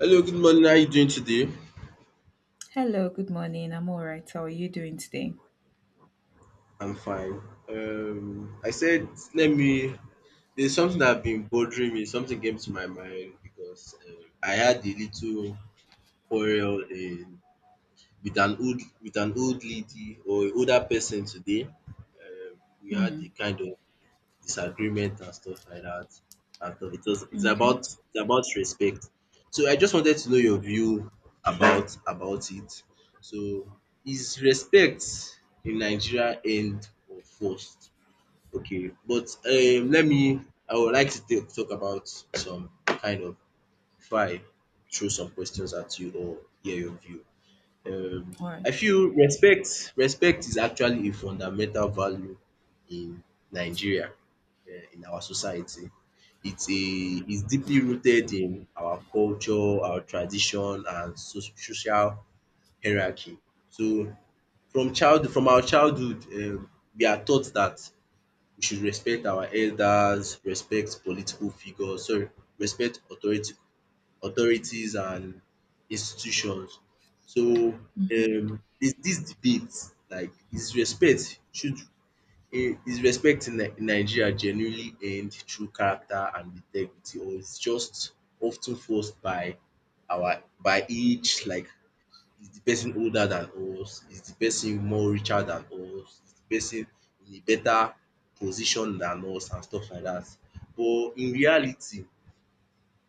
Hello, good morning. How are you doing today? Hello, good morning. I'm all right. How are you doing today? I'm fine. I said, let me. There's something that have been bothering me. Something came to my mind because I had a little quarrel with an old lady or an older person today. We had a Hmm. kind of disagreement and stuff like that. And stuff. It was it's about Okay. it's about respect. So I just wanted to know your view about it. So is respect in Nigeria end or forced? Okay, but let me I would like to talk about some kind of before I throw some questions at you or hear your view um All I right. feel respect is actually a fundamental value in Nigeria, in our society. It's deeply rooted in our culture, our tradition and so social hierarchy. So from our childhood we are taught that we should respect our elders, respect political figures, sorry, respect authority authorities and institutions. So Mhm. There's this debate like is respect in in Nigeria genuinely earned through character and integrity or is just often forced by our by each like is the person older than us, is the person more richer than us, is the person in a better position than us and stuff like that. But in reality,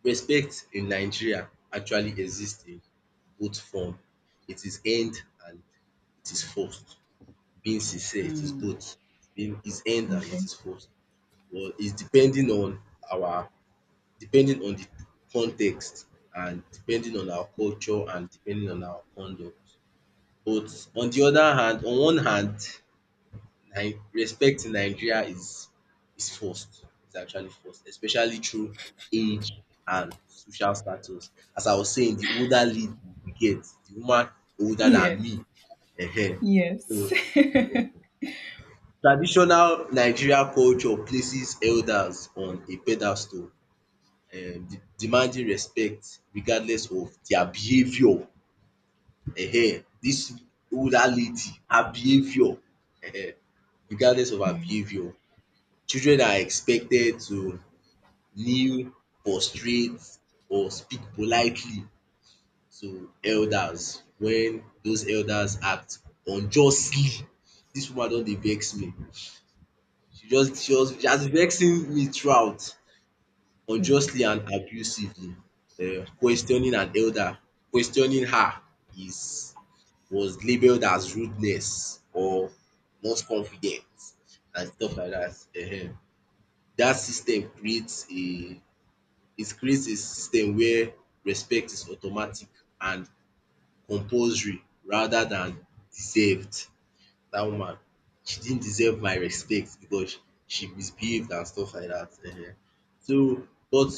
respect in Nigeria actually exists in both form. It is earned and it is forced. Being sincere, it is Mm. both. It's Being is earned and Okay. it is forced. Well, it's depending on our depending on the context and depending on our culture and depending on our conduct. But on one hand, respect in Nigeria is forced. It's actually forced, especially through age and social status. As I was saying, the older lead we get, the woman older than Yes, me. Ehen. So yes. traditional Nigeria culture places elders on a pedestal, demanding respect regardless of their behaviour. Ehen. Dis older lady, her behaviour, ehen, regardless of her Mm. behaviour, children are expected to kneel, prostrate or speak politely to elders when those elders act unjustly. Dis woman don dey vex me. She has been vexing me throughout Mm. unjustly and abusively. Questioning an elder, questioning her is was labelled as rudeness or not confident and stuff like dat. Dat system creates a system where respect is automatic and compulsory rather than deserved. Dat woman, she didn't deserve my respect because she misbehaved and stuff like dat. So but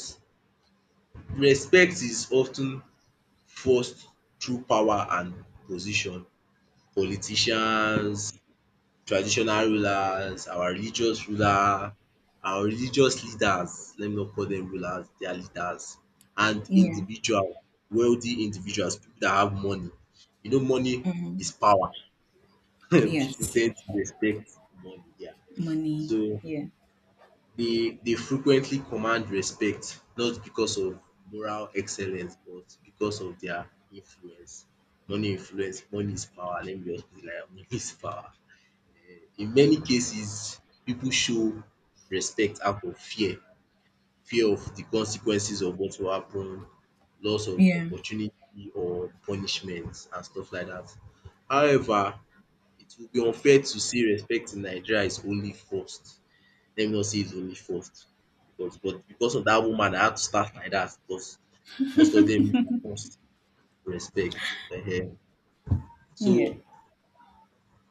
respect is of ten forced through power and position. Politicians, traditional rulers, our religious ruler, our religious leaders, let me not call them rulers, they are leaders, and Yeah. Wealthy individuals, people that have money. You know, money Mm. is power. People Yes. tend to respect money, yeah. Money. So Yeah. they frequently command respect, not because of moral excellence, but because of their influence. Money influence, money is power. Let me just put it like that, money is power. In many cases, pipu show respect out of fear, fear of the consequences of what will happen, loss of Yeah. opportunity or punishment and stuff like dat. However, it will be unfair to say respect in Nigeria is only forced. Let me not say it's only forced because of dat woman I had to start like dat because most of dem dey forced respect um. So Yeah.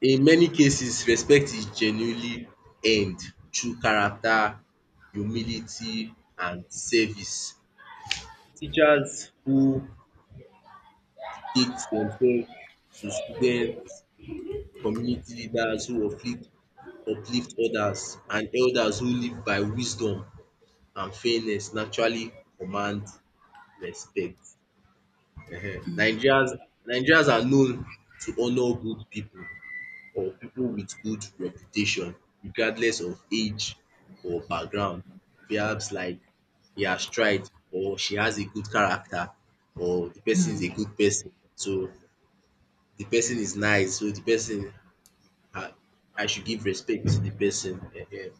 in many cases, respect is genuinely earned through character, humility and service. Teachers who dedicate themselves to students, community leaders who uplift others and elders who live by wisdom and fairness naturally command respect. um Mm. Nigerians Nigerians are known to honour good pipu or people with good reputation regardless of age or background. Perhaps like he has tried or she has a good character or the person is a Mm. good person. So the person is nice, um I should give respect to the pesin,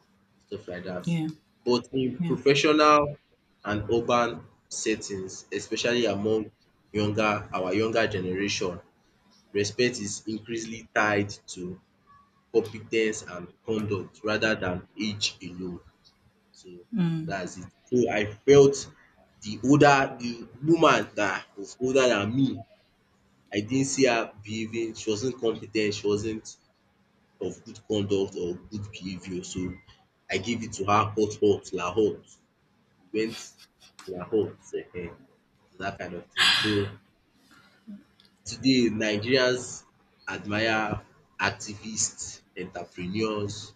stuff like that. Yeah. But in Yeah. professional and urban settings, especially among younger our younger generation, respect is increasingly tied to competence and conduct rather than age alone. So Mm. that's it. So I felt the woman that was older than me, I didn't see her behaving, she wasn't competent, she wasn't of good conduct or good behavior. So I gave it to her hot hot la hot. We went la hot ehen. So that kind of thing. So today Nigerians admire activists, entrepreneurs,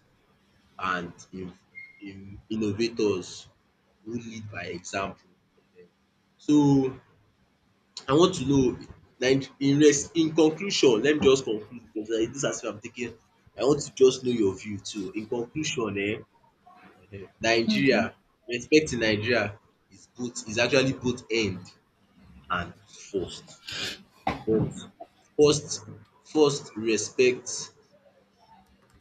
and in innovators who lead by example. um So I want to know, like in conclusion, let me just conclude because like dis as if I'm taking, I want to just know your view too. In conclusion, eh, Okay. Nigeria respect in Nigeria is actually both end and first, but first first respect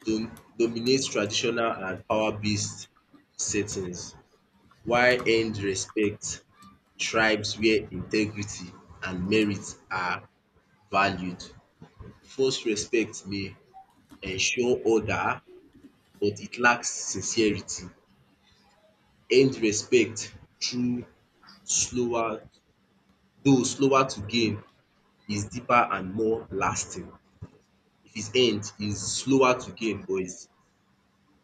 dominates traditional and power based settings, while earned respect thrives where integrity and merit are valued. False respect may ensure order but it lacks sincerity. Earned respect, through slower though slower to gain, is deeper and more lasting. If it's earned, it's slower to gain but it's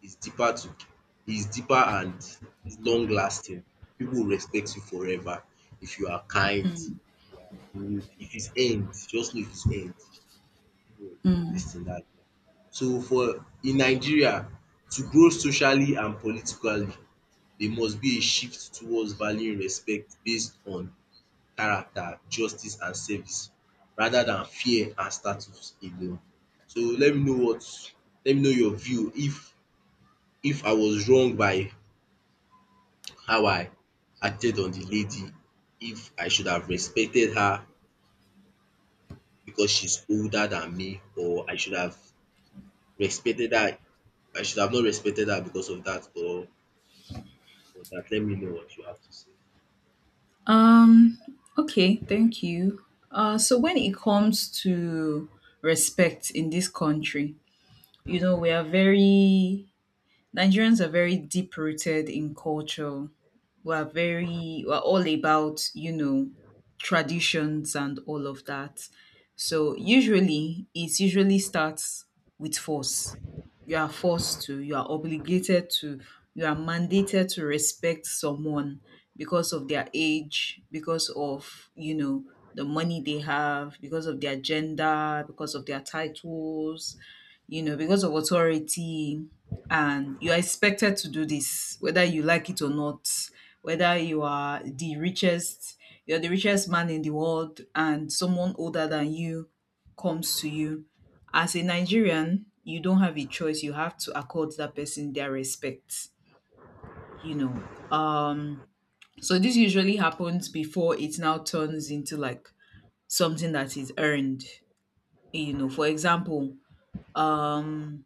is deeper to is deeper and is long lasting. People will respect you forever if you are kind, Mm. you are good. If it's end, just know if it's end, people will Mm. lis ten dat. So for in Nigeria, to grow socially and politically, there must be a shift towards valuing respect based on character, justice and service rather than fear and status alone. So let me know your view, if I was wrong by how I acted on the lady, if I should have respected her because she's older than me, or I should have respected her, I should have not respected her because of that, or that. Let me know what you have to say. Um. Okay. Thank you. So when it comes to respect in this country, we are very Nigerians are very deep rooted in culture. We're all about, traditions and all of that. So usually, it usually starts with force. You are forced to, you are obligated to, you are mandated to respect someone because of their age, because of, the money they have, because of their gender, because of their titles, because of authority, and you are expected to do this, whether you like it or not, whether you are the richest, you're the richest man in the world, and someone older than you comes to you. As a Nigerian, you don't have a choice. You have to accord that person their respect, you know. Um, so this usually happens before it now turns into like something that is earned. For example, um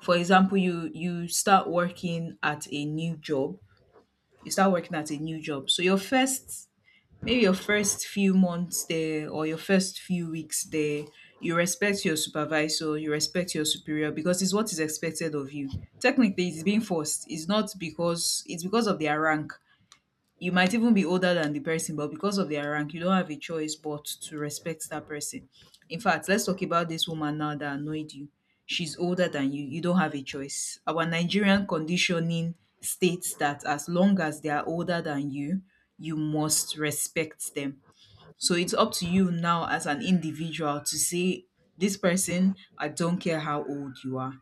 for example, you start working at a new job, you start working at a new job so your first maybe your first few months there, or your first few weeks there, you respect your supervisor, you respect your superior because it's what is expected of you. Technically it's being forced. It's not because, it's because of their rank. You might even be older than the person, but because of their rank, you don't have a choice but to respect that person. In fact, let's talk about this woman now that annoyed you. She's older than you. You don't have a choice. Our Nigerian conditioning states that as long as they are older than you, you must respect them. So it's up to you now as an individual to say, this person, I don't care how old you are.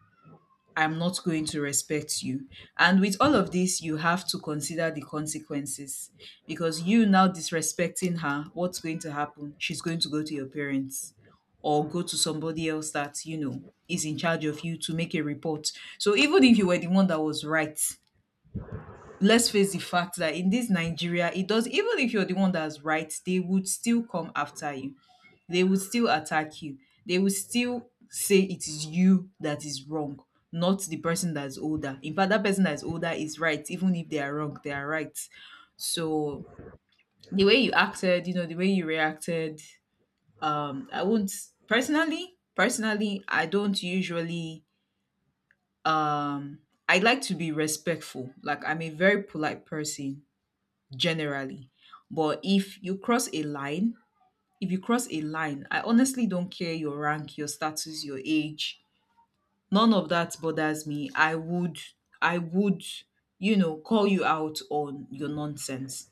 I'm not going to respect you. And with all of this, you have to consider the consequences, because you now disrespecting her, what's going to happen? She's going to go to your parents or go to somebody else that, is in charge of you to make a report. So even if you were the one that was right, let's face the fact that in this Nigeria, it does, even if you're the one that's right, they would still come after you, they will still attack you. They will still say it is you that is wrong, not the person that's older. In fact, that person that's older is right, even if they are wrong, they are right. So the way you acted, the way you reacted, I won't, personally, I don't usually, um I like to be respectful. Like, I'm a very polite person generally. But if you cross a line, if you cross a line, I honestly don't care your rank, your status, your age. None of that bothers me. I would, call you out on your nonsense.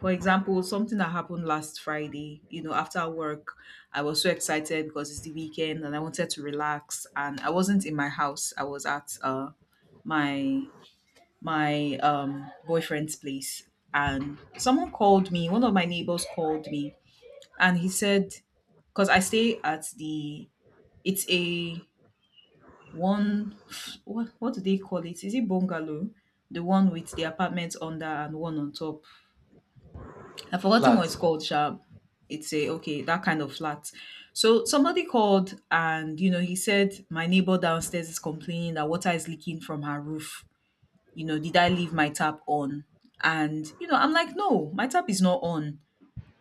For example, something that happened last Friday, after work, I was so excited because it's the weekend and I wanted to relax and I wasn't in my house. I was at my my boyfriend's place, and someone called me, one of my neighbors called me, and he said, because I stay at the, it's a, one, what do they call it? Is it bungalow? The one with the apartments under and one on top. I've forgotten Flat. what it's called, Sharp. It's a Okay, that kind of flat. So somebody called, and he said, my neighbor downstairs is complaining that water is leaking from her roof. Did I leave my tap on? And I'm like, no, my tap is not on.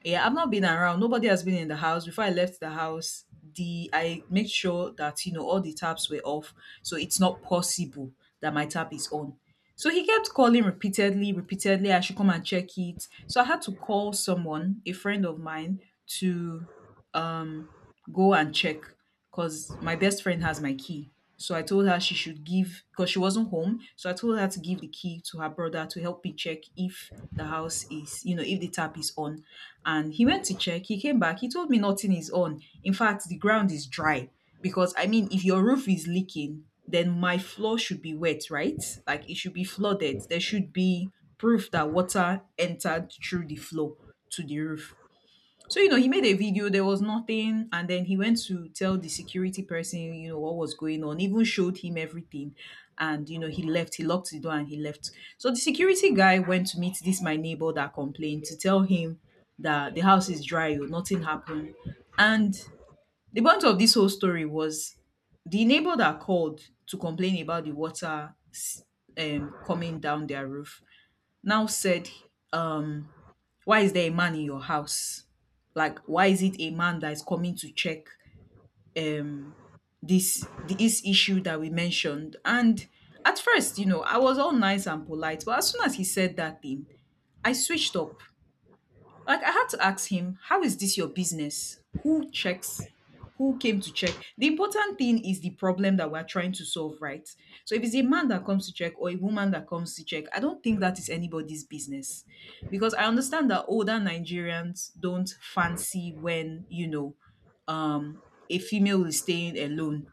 Yeah, I've not been around. Nobody has been in the house. Before I left the house, the I make sure that all the taps were off, so it's not possible that my tap is on. So he kept calling repeatedly, repeatedly. I should come and check it. So I had to call someone, a friend of mine, to um go and check, because my best friend has my key. So I told her she should give, because she wasn't home, so I told her to give the key to her brother to help me check if the house is, if the tap is on. And he went to check. He came back. He told me nothing is on. In fact, the ground is dry. Because, I mean, if your roof is leaking, then my floor should be wet, right? Like, it should be flooded. There should be proof that water entered through the floor to the roof. So, he made a video, there was nothing. And then he went to tell the security person, what was going on, even showed him everything. And, he left, he locked the door, and he left. So the security guy went to meet this, my neighbor that complained, to tell him that the house is dry, oh, nothing happened. And the point of this whole story was, the neighbor that called to complain about the water coming down their roof now said, um, why is there a man in your house? Like, why is it a man that is coming to check um this issue that we mentioned? And at first, I was all nice and polite, but as soon as he said that thing, I switched up. Like, I had to ask him, how is this your business? Who checks? Who came to check? The important thing is the problem that we're trying to solve, right? So if it's a man that comes to check or a woman that comes to check, I don't think that is anybody's business. Because I understand that older Nigerians don't fancy when, um, a female is staying alone,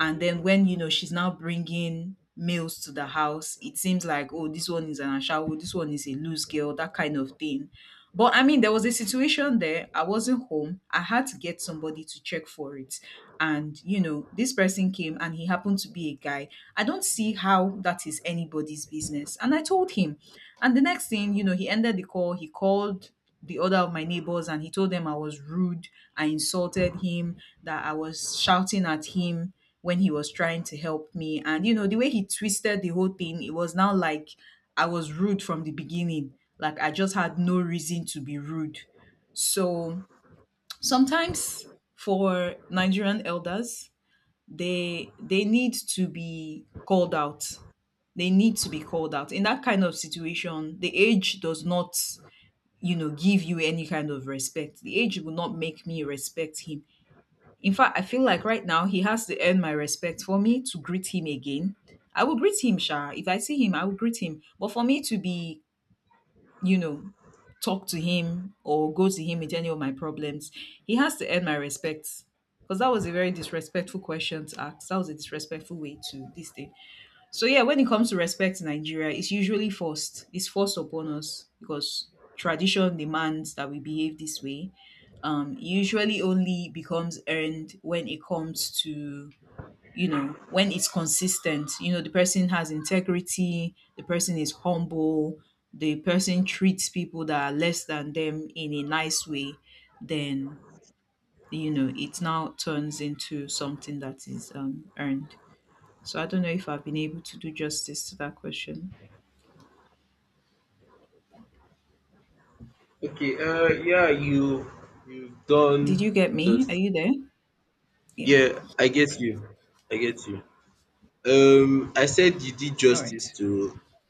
and then when she's now bringing males to the house, it seems like, oh, this one is an ashawo, this one is a loose girl, that kind of thing. But I mean, there was a situation there. I wasn't home. I had to get somebody to check for it. And, this person came and he happened to be a guy. I don't see how that is anybody's business. And I told him. And the next thing, you know, he ended the call. He called the other of my neighbors and he told them I was rude. I insulted him, that I was shouting at him when he was trying to help me. And, the way he twisted the whole thing, it was now like I was rude from the beginning. Like, I just had no reason to be rude. So sometimes for Nigerian elders, they need to be called out, in that kind of situation. The age does not, give you any kind of respect. The age will not make me respect him. In fact, I feel like right now he has to earn my respect. For me to greet him again, I will greet him sha. If I see him, I will greet him. But for me to be, you know, talk to him or go to him with any of my problems, he has to earn my respect. Because that was a very disrespectful question to ask. That was a disrespectful way to this thing. So yeah, when it comes to respect in Nigeria, it's usually forced. It's forced upon us because tradition demands that we behave this way. It usually only becomes earned when it comes to, when it's consistent, the person has integrity, the person is humble, the person treats people that are less than them in a nice way, then, it now turns into something that is, earned. So I don't know if I've been able to do justice to that question. Okay, yeah, you you've Did done you get me? Are justice. you there? Yeah. Yeah, I get you. I get you. I said you did All justice right. to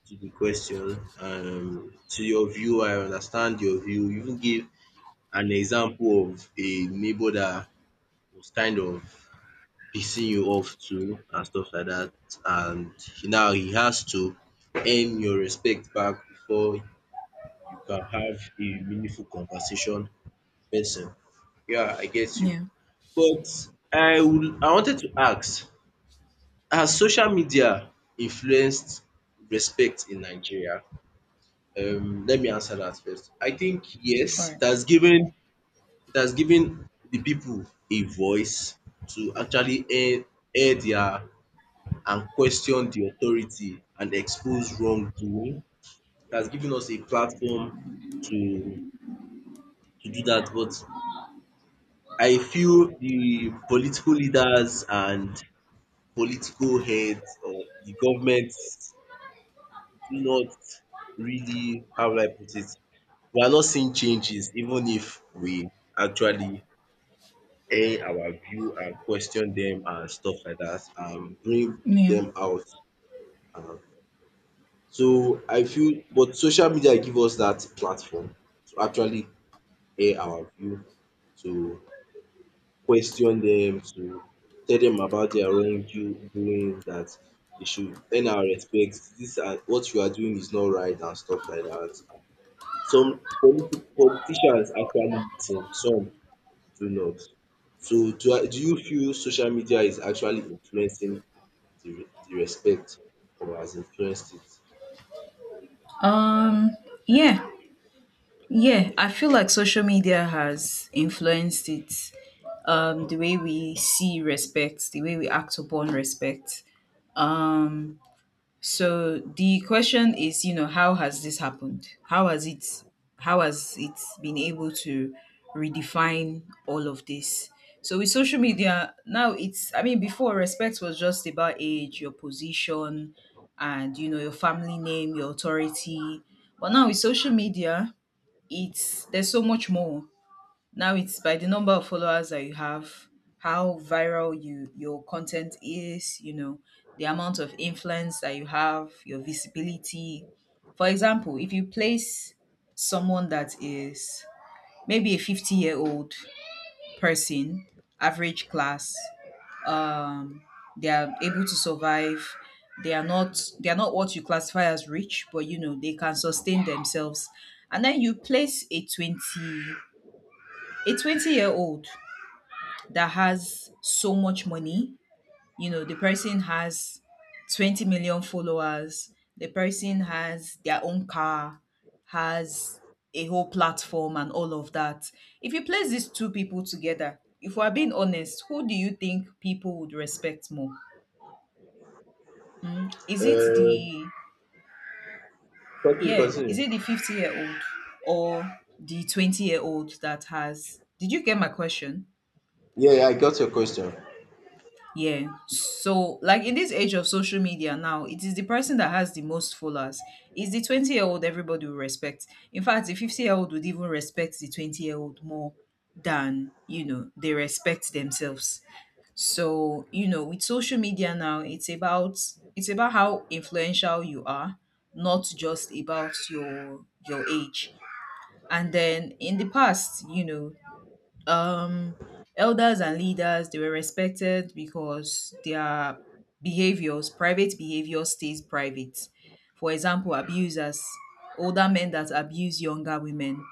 to the question. To your view, I understand your view. You even gave an example of a neighbor that was kind of pissing you off too and stuff like that, and now he has to earn your respect back before you can have a meaningful conversation person. Yeah, I get you. Yeah. But I wanted to ask, has social media influenced respect in Nigeria? Let me answer that first. I think All yes, right. it has given the people a voice to actually air their and question the authority and expose wrongdoing. It has given us a platform to to do that. But I feel the political leaders and political heads or the government do not really, how will I put it, we are not seeing changes even if we actually air our view and question them and stuff like that and bring Yeah. them out. Um, so I feel, but social media give us that platform to actually air our view, to question them, to tell them about their wrongdoing, that they should earn our respect. This, and what you are doing is not right and stuff like that. Some politicians actually listen, some do not. So do you feel social media is actually influencing the, the respect or has influenced it? um yeah, yeah, I feel like social media has influenced it, the way we see respect, the way we act upon respect. Um, so the question is, how has this happened? How has it? How has it been able to redefine all of this? So with social media now, it's, I mean, before respect was just about age, your position, and your family name, your authority. But now with social media, it's there's so much more. Now it's by the number of followers that you have, how viral your content is, the amount of influence that you have, your visibility. For example, if you place someone that is maybe a 50-year-old person, average class, um they are able to survive. They are not what you classify as rich, but they can sustain themselves. And then you place a 20-year-old that has so much money. You know, the person has 20 million followers, the person has their own car, has a whole platform and all of that. If you place these two people together, if we're being honest, who do you think people would respect more? Is it Uh, the continue, Yeah, continue. is it the 50-year-old or the 20-year old. That has Did you get my question? Yeah, I got your question. Yeah. So, like in this age of social media now, it is the person that has the most followers. It's the 20-year-old everybody will respect. In fact, the 50-year-old would even respect the 20-year-old more than, they respect themselves. So, with social media now, it's about how influential you are, not just about your age. And then in the past, um elders and leaders they were respected because their behaviors private behavior stays private. For example, abusers, older men that abuse younger women,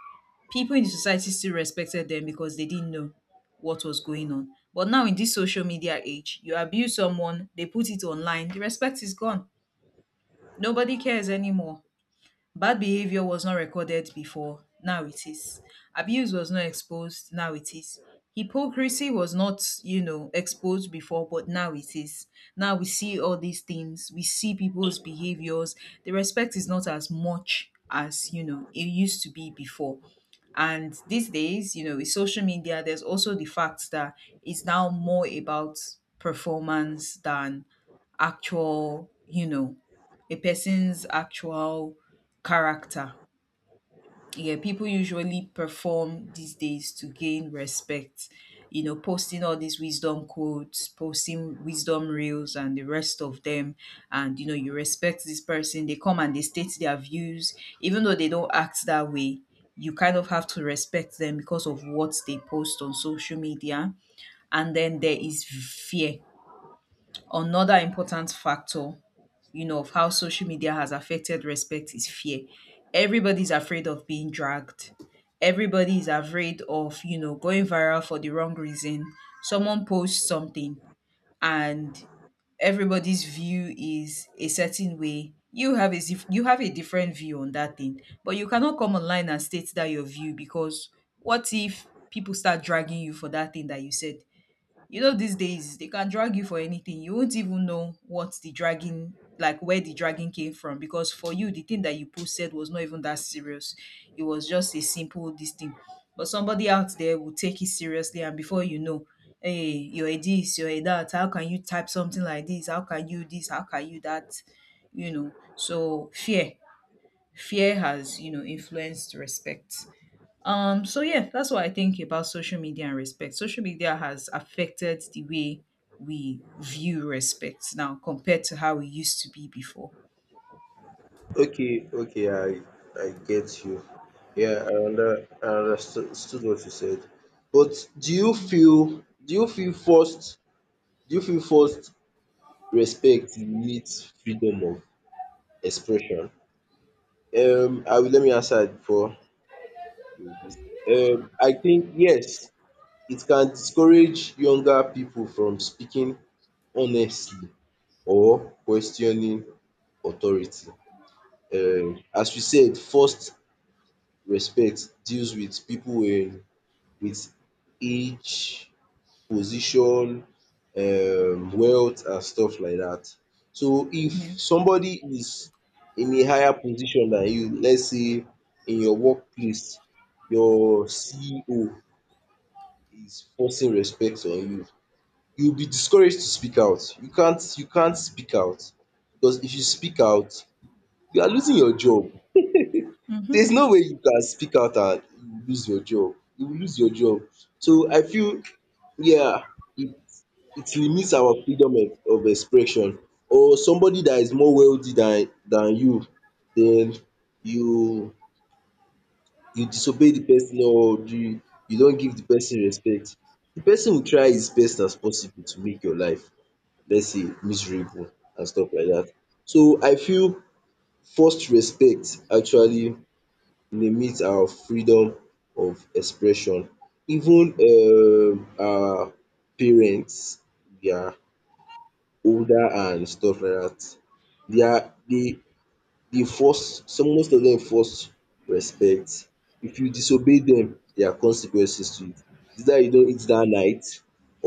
people in the society still respected them because they didn't know what was going on. But now in this social media age, you abuse someone, they put it online, the respect is gone. Nobody cares anymore. Bad behavior was not recorded before, now it is. Abuse was not exposed, now it is. Hypocrisy was not, exposed before, but now it is. Now we see all these things, we see people's behaviors. The respect is not as much as, it used to be before. And these days, with social media, there's also the fact that it's now more about performance than actual, a person's actual character. Yeah, people usually perform these days to gain respect. Posting all these wisdom quotes, posting wisdom reels, and the rest of them. And you respect this person. They come and they state their views, even though they don't act that way. You kind of have to respect them because of what they post on social media. And then there is fear. Another important factor, of how social media has affected respect is fear. Everybody's afraid of being dragged. Everybody is afraid of, going viral for the wrong reason. Someone posts something, and everybody's view is a certain way. You have a different view on that thing, but you cannot come online and state that your view, because what if people start dragging you for that thing that you said? These days they can drag you for anything. You won't even know what the dragging like where the dragging came from, because for you the thing that you posted was not even that serious. It was just a simple this thing. But somebody out there will take it seriously, and before you know, hey, you're a this, you're a that, how can you type something like this? How can you this? How can you that? So fear. Fear has, influenced respect. So yeah, that's what I think about social media and respect. Social media has affected the way we view respect now compared to how we used to be before. Okay, okay, I get you. Yeah, I understood what you said. But do you feel forced respect limits freedom of expression? I will let me answer it before. I think yes, it can discourage younger people from speaking honestly or questioning authority. As we said, first respect deals with people with age, position, wealth and stuff like that. So if Yeah. somebody is in a higher position than you, let's say in your workplace, your CEO is forcing respect on you. You will be discouraged to speak out. You can't speak out because if you speak out, you are losing your job. Mm-hmm. There's no way you can speak out and you will lose your job. You will lose your job. So I feel, yeah, it it limits our freedom of expression. Or somebody that is more wealthy than you, then you you disobey the person, or you don give the person respect, the person will try his best as possible to make your life, let's say, miserable and stuff like dat. So I feel forced respect actually limit our freedom of expression. Even our parents, their older and stuff like dat, their dey dey force, some most of dem force respect. If you disobey dem, there are consequences to it. Either you don eat dat night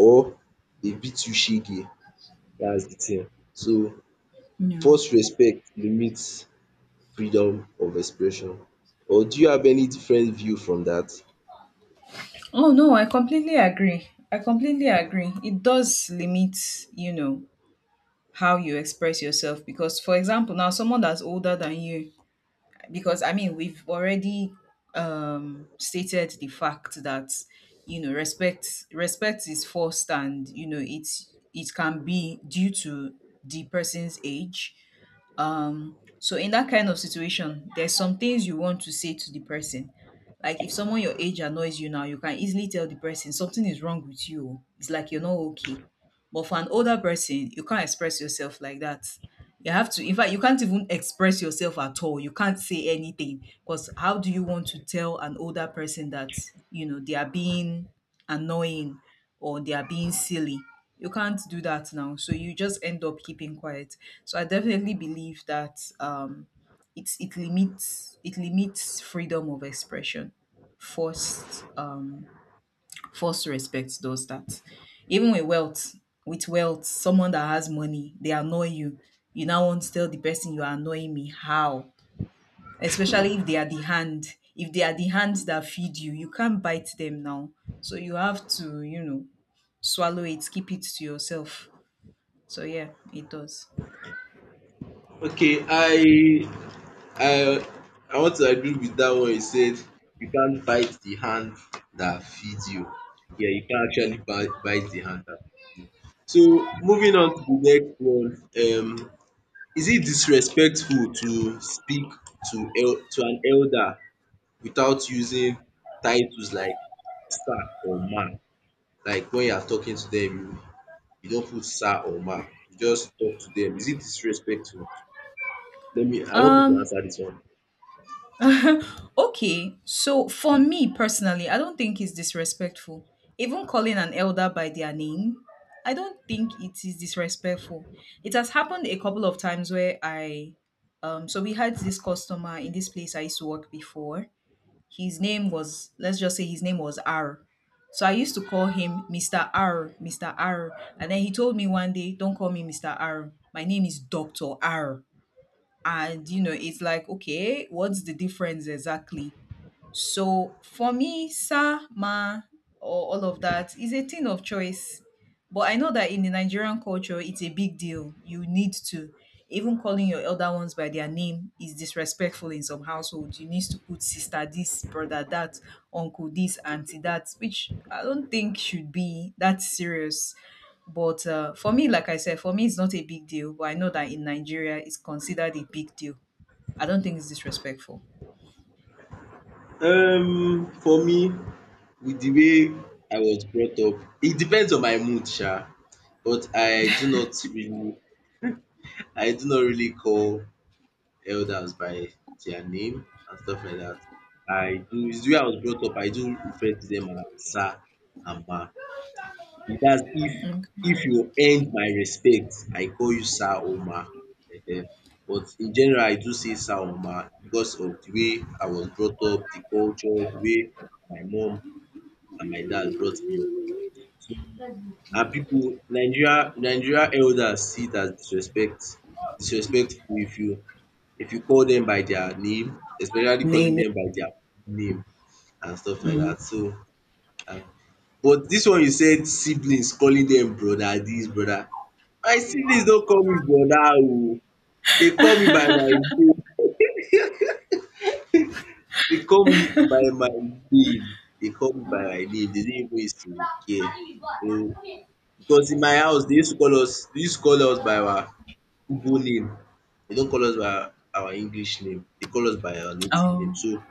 or dey beat you shege, dats de thing. So Yeah. force respect limits freedom of expression. Or do you have any different view from dat? Oh no, I completely agree. I completely agree. It does limit, you know, how you express yourself because, for example, now someone that's older than you, because I mean we've already stated the fact that respect is forced, and it can be due to the person's age. So in that kind of situation, there's some things you want to say to the person, like if someone your age annoys you now, you can easily tell the person something is wrong with you, oh, it's like you're not okay. But for an older person, you can't express yourself like that. You have to, in fact, you can't even express yourself at all, you can't say anything. Because how do you want to tell an older person that they are being annoying, or they are being silly. You can't do that now. So you just end up keeping quiet. So I definitely believe that it limits freedom of expression. Forced um, forced respect does that. Even with wealth, someone that has money, they annoy you. You now want to tell the person you are annoying me. How? Especially if they are the hand. If they are the hands that feed you, you can't bite them now. So you have to, swallow it, keep it to yourself. So yeah, it does. Okay, I I want to agree with that one. He said, "You can't bite the hand that feeds you." Yeah, you can't actually bite the hand that feeds you. So moving on to the next one, is it disrespectful to speak to an elder without using titles like sir or ma? Like when you are talking to them, you don't put sir or ma. You just talk to them. Is it disrespectful? Let me. I want you to Um answer this one. okay, so for me personally, I don't think it's disrespectful. Even calling an elder by their name, I don't think it is disrespectful. It has happened a couple of times where I so we had this customer in this place I used to work before. His name was let's just say his name was R. So I used to call him Mr. R, Mr. R. And then he told me one day, don't call me Mr. R. My name is Dr. R. And it's like, okay, what's the difference exactly? So for me, sa, ma, or all of that is a thing of choice. But I know that in the Nigerian culture, it's a big deal. You need to. Even calling your elder ones by their name is disrespectful in some households. You need to put sister this, brother that, uncle this, auntie that, which I don't think should be that serious. But for me, like I said, for me, it's not a big deal. But I know that in Nigeria, it's considered a big deal. I don't think it's disrespectful. For me, with the way I was brought up, it depends on my mood sha, but I do not really call elders by their name and stuff like that. I do, it's the way I was brought up, I do refer to them as sir and ma. Dats Mm. if you earn my respect, I call you sir or ma. um but in general, I do say sir or ma because of the way I was brought up, the culture, the way my mom and my dad brought me up. So, and people Nigeria elders see it as disrespectful if you call them by their name, especially calling Name. them by their name and stuff like that. So, uh, but this one you said siblings calling them brother this, brother. My siblings don't call me brother oo. They call me by my name. They call me by my name. They call me by my name. They didn't even used to care. So, because in my house they used to call us by our Igbo name. They don't call us by our English name. They call us by our native name. Oh, So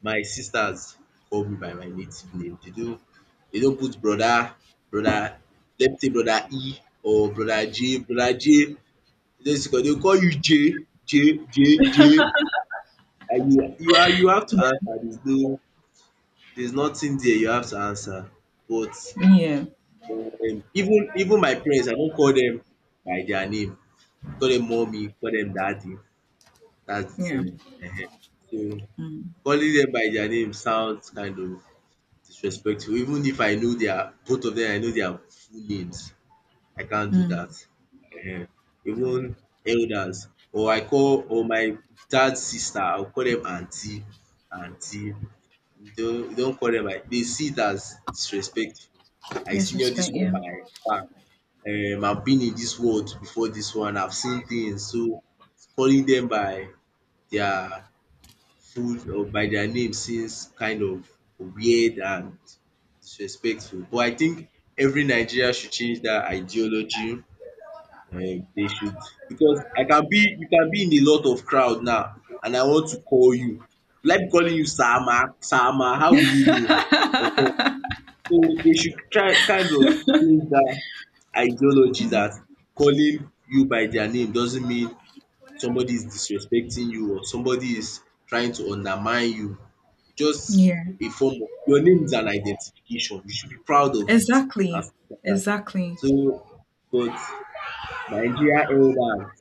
my sisters call me by my native name. They don't put brother, let me say brother E or brother J. Brother J. They call you JJJJ, and you are, you have to yeah, answer. There's nothing there, you have to answer. But yeah, even my parents, I don't call them by their name. I call them mommy, call them daddy. That's the yeah. thing. Ehen. So Mm, calling them by their name sounds kind of disrespectful. Even if I know their both of them, I know their full names. I can't do mm. that. Ehen. Even elders, or I call or my dad's sister, I'll call them auntie. You don't call them by. They see it as disrespectful. I senior this Disrespect, one yeah, by I've been in this world before this one, I've seen things, so calling them by their full or by their name seems kind of weird and disrespectful, but I think every Nigerian should change that ideology, they should, because I can be you can be in a lot of crowd now and I want to call you, will I be calling you Sama, Sama, how will you know? So they should try kind of change dat ideology that calling you by their name doesn't mean somebody is disrespecting you or somebody is trying to undermine you. Just a yeah. form of your name is an identification. You should be proud of it and Exactly, stuff like dat. exactly. So, but Nigeria elders,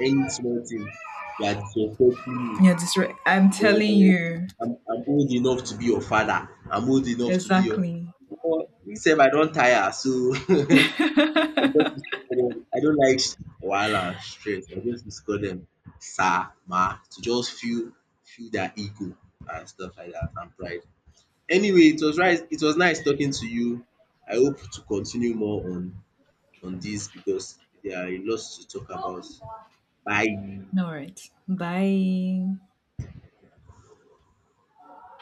any small thing, they are disrespecting you. Yeah, I'm telling Oh, you, I'm old enough to be your father. I'm old enough to be your exactly. Omo, me sef I don tire so I just use to call dem. I don't like wahala and stress. I just use to call them sir, ma, to just feel their ego and stuff like dat and pride. Anyway, Yeah. It was nice talking to you. I hope to continue more on this because there are a lot to talk about. Bye. All right. Bye.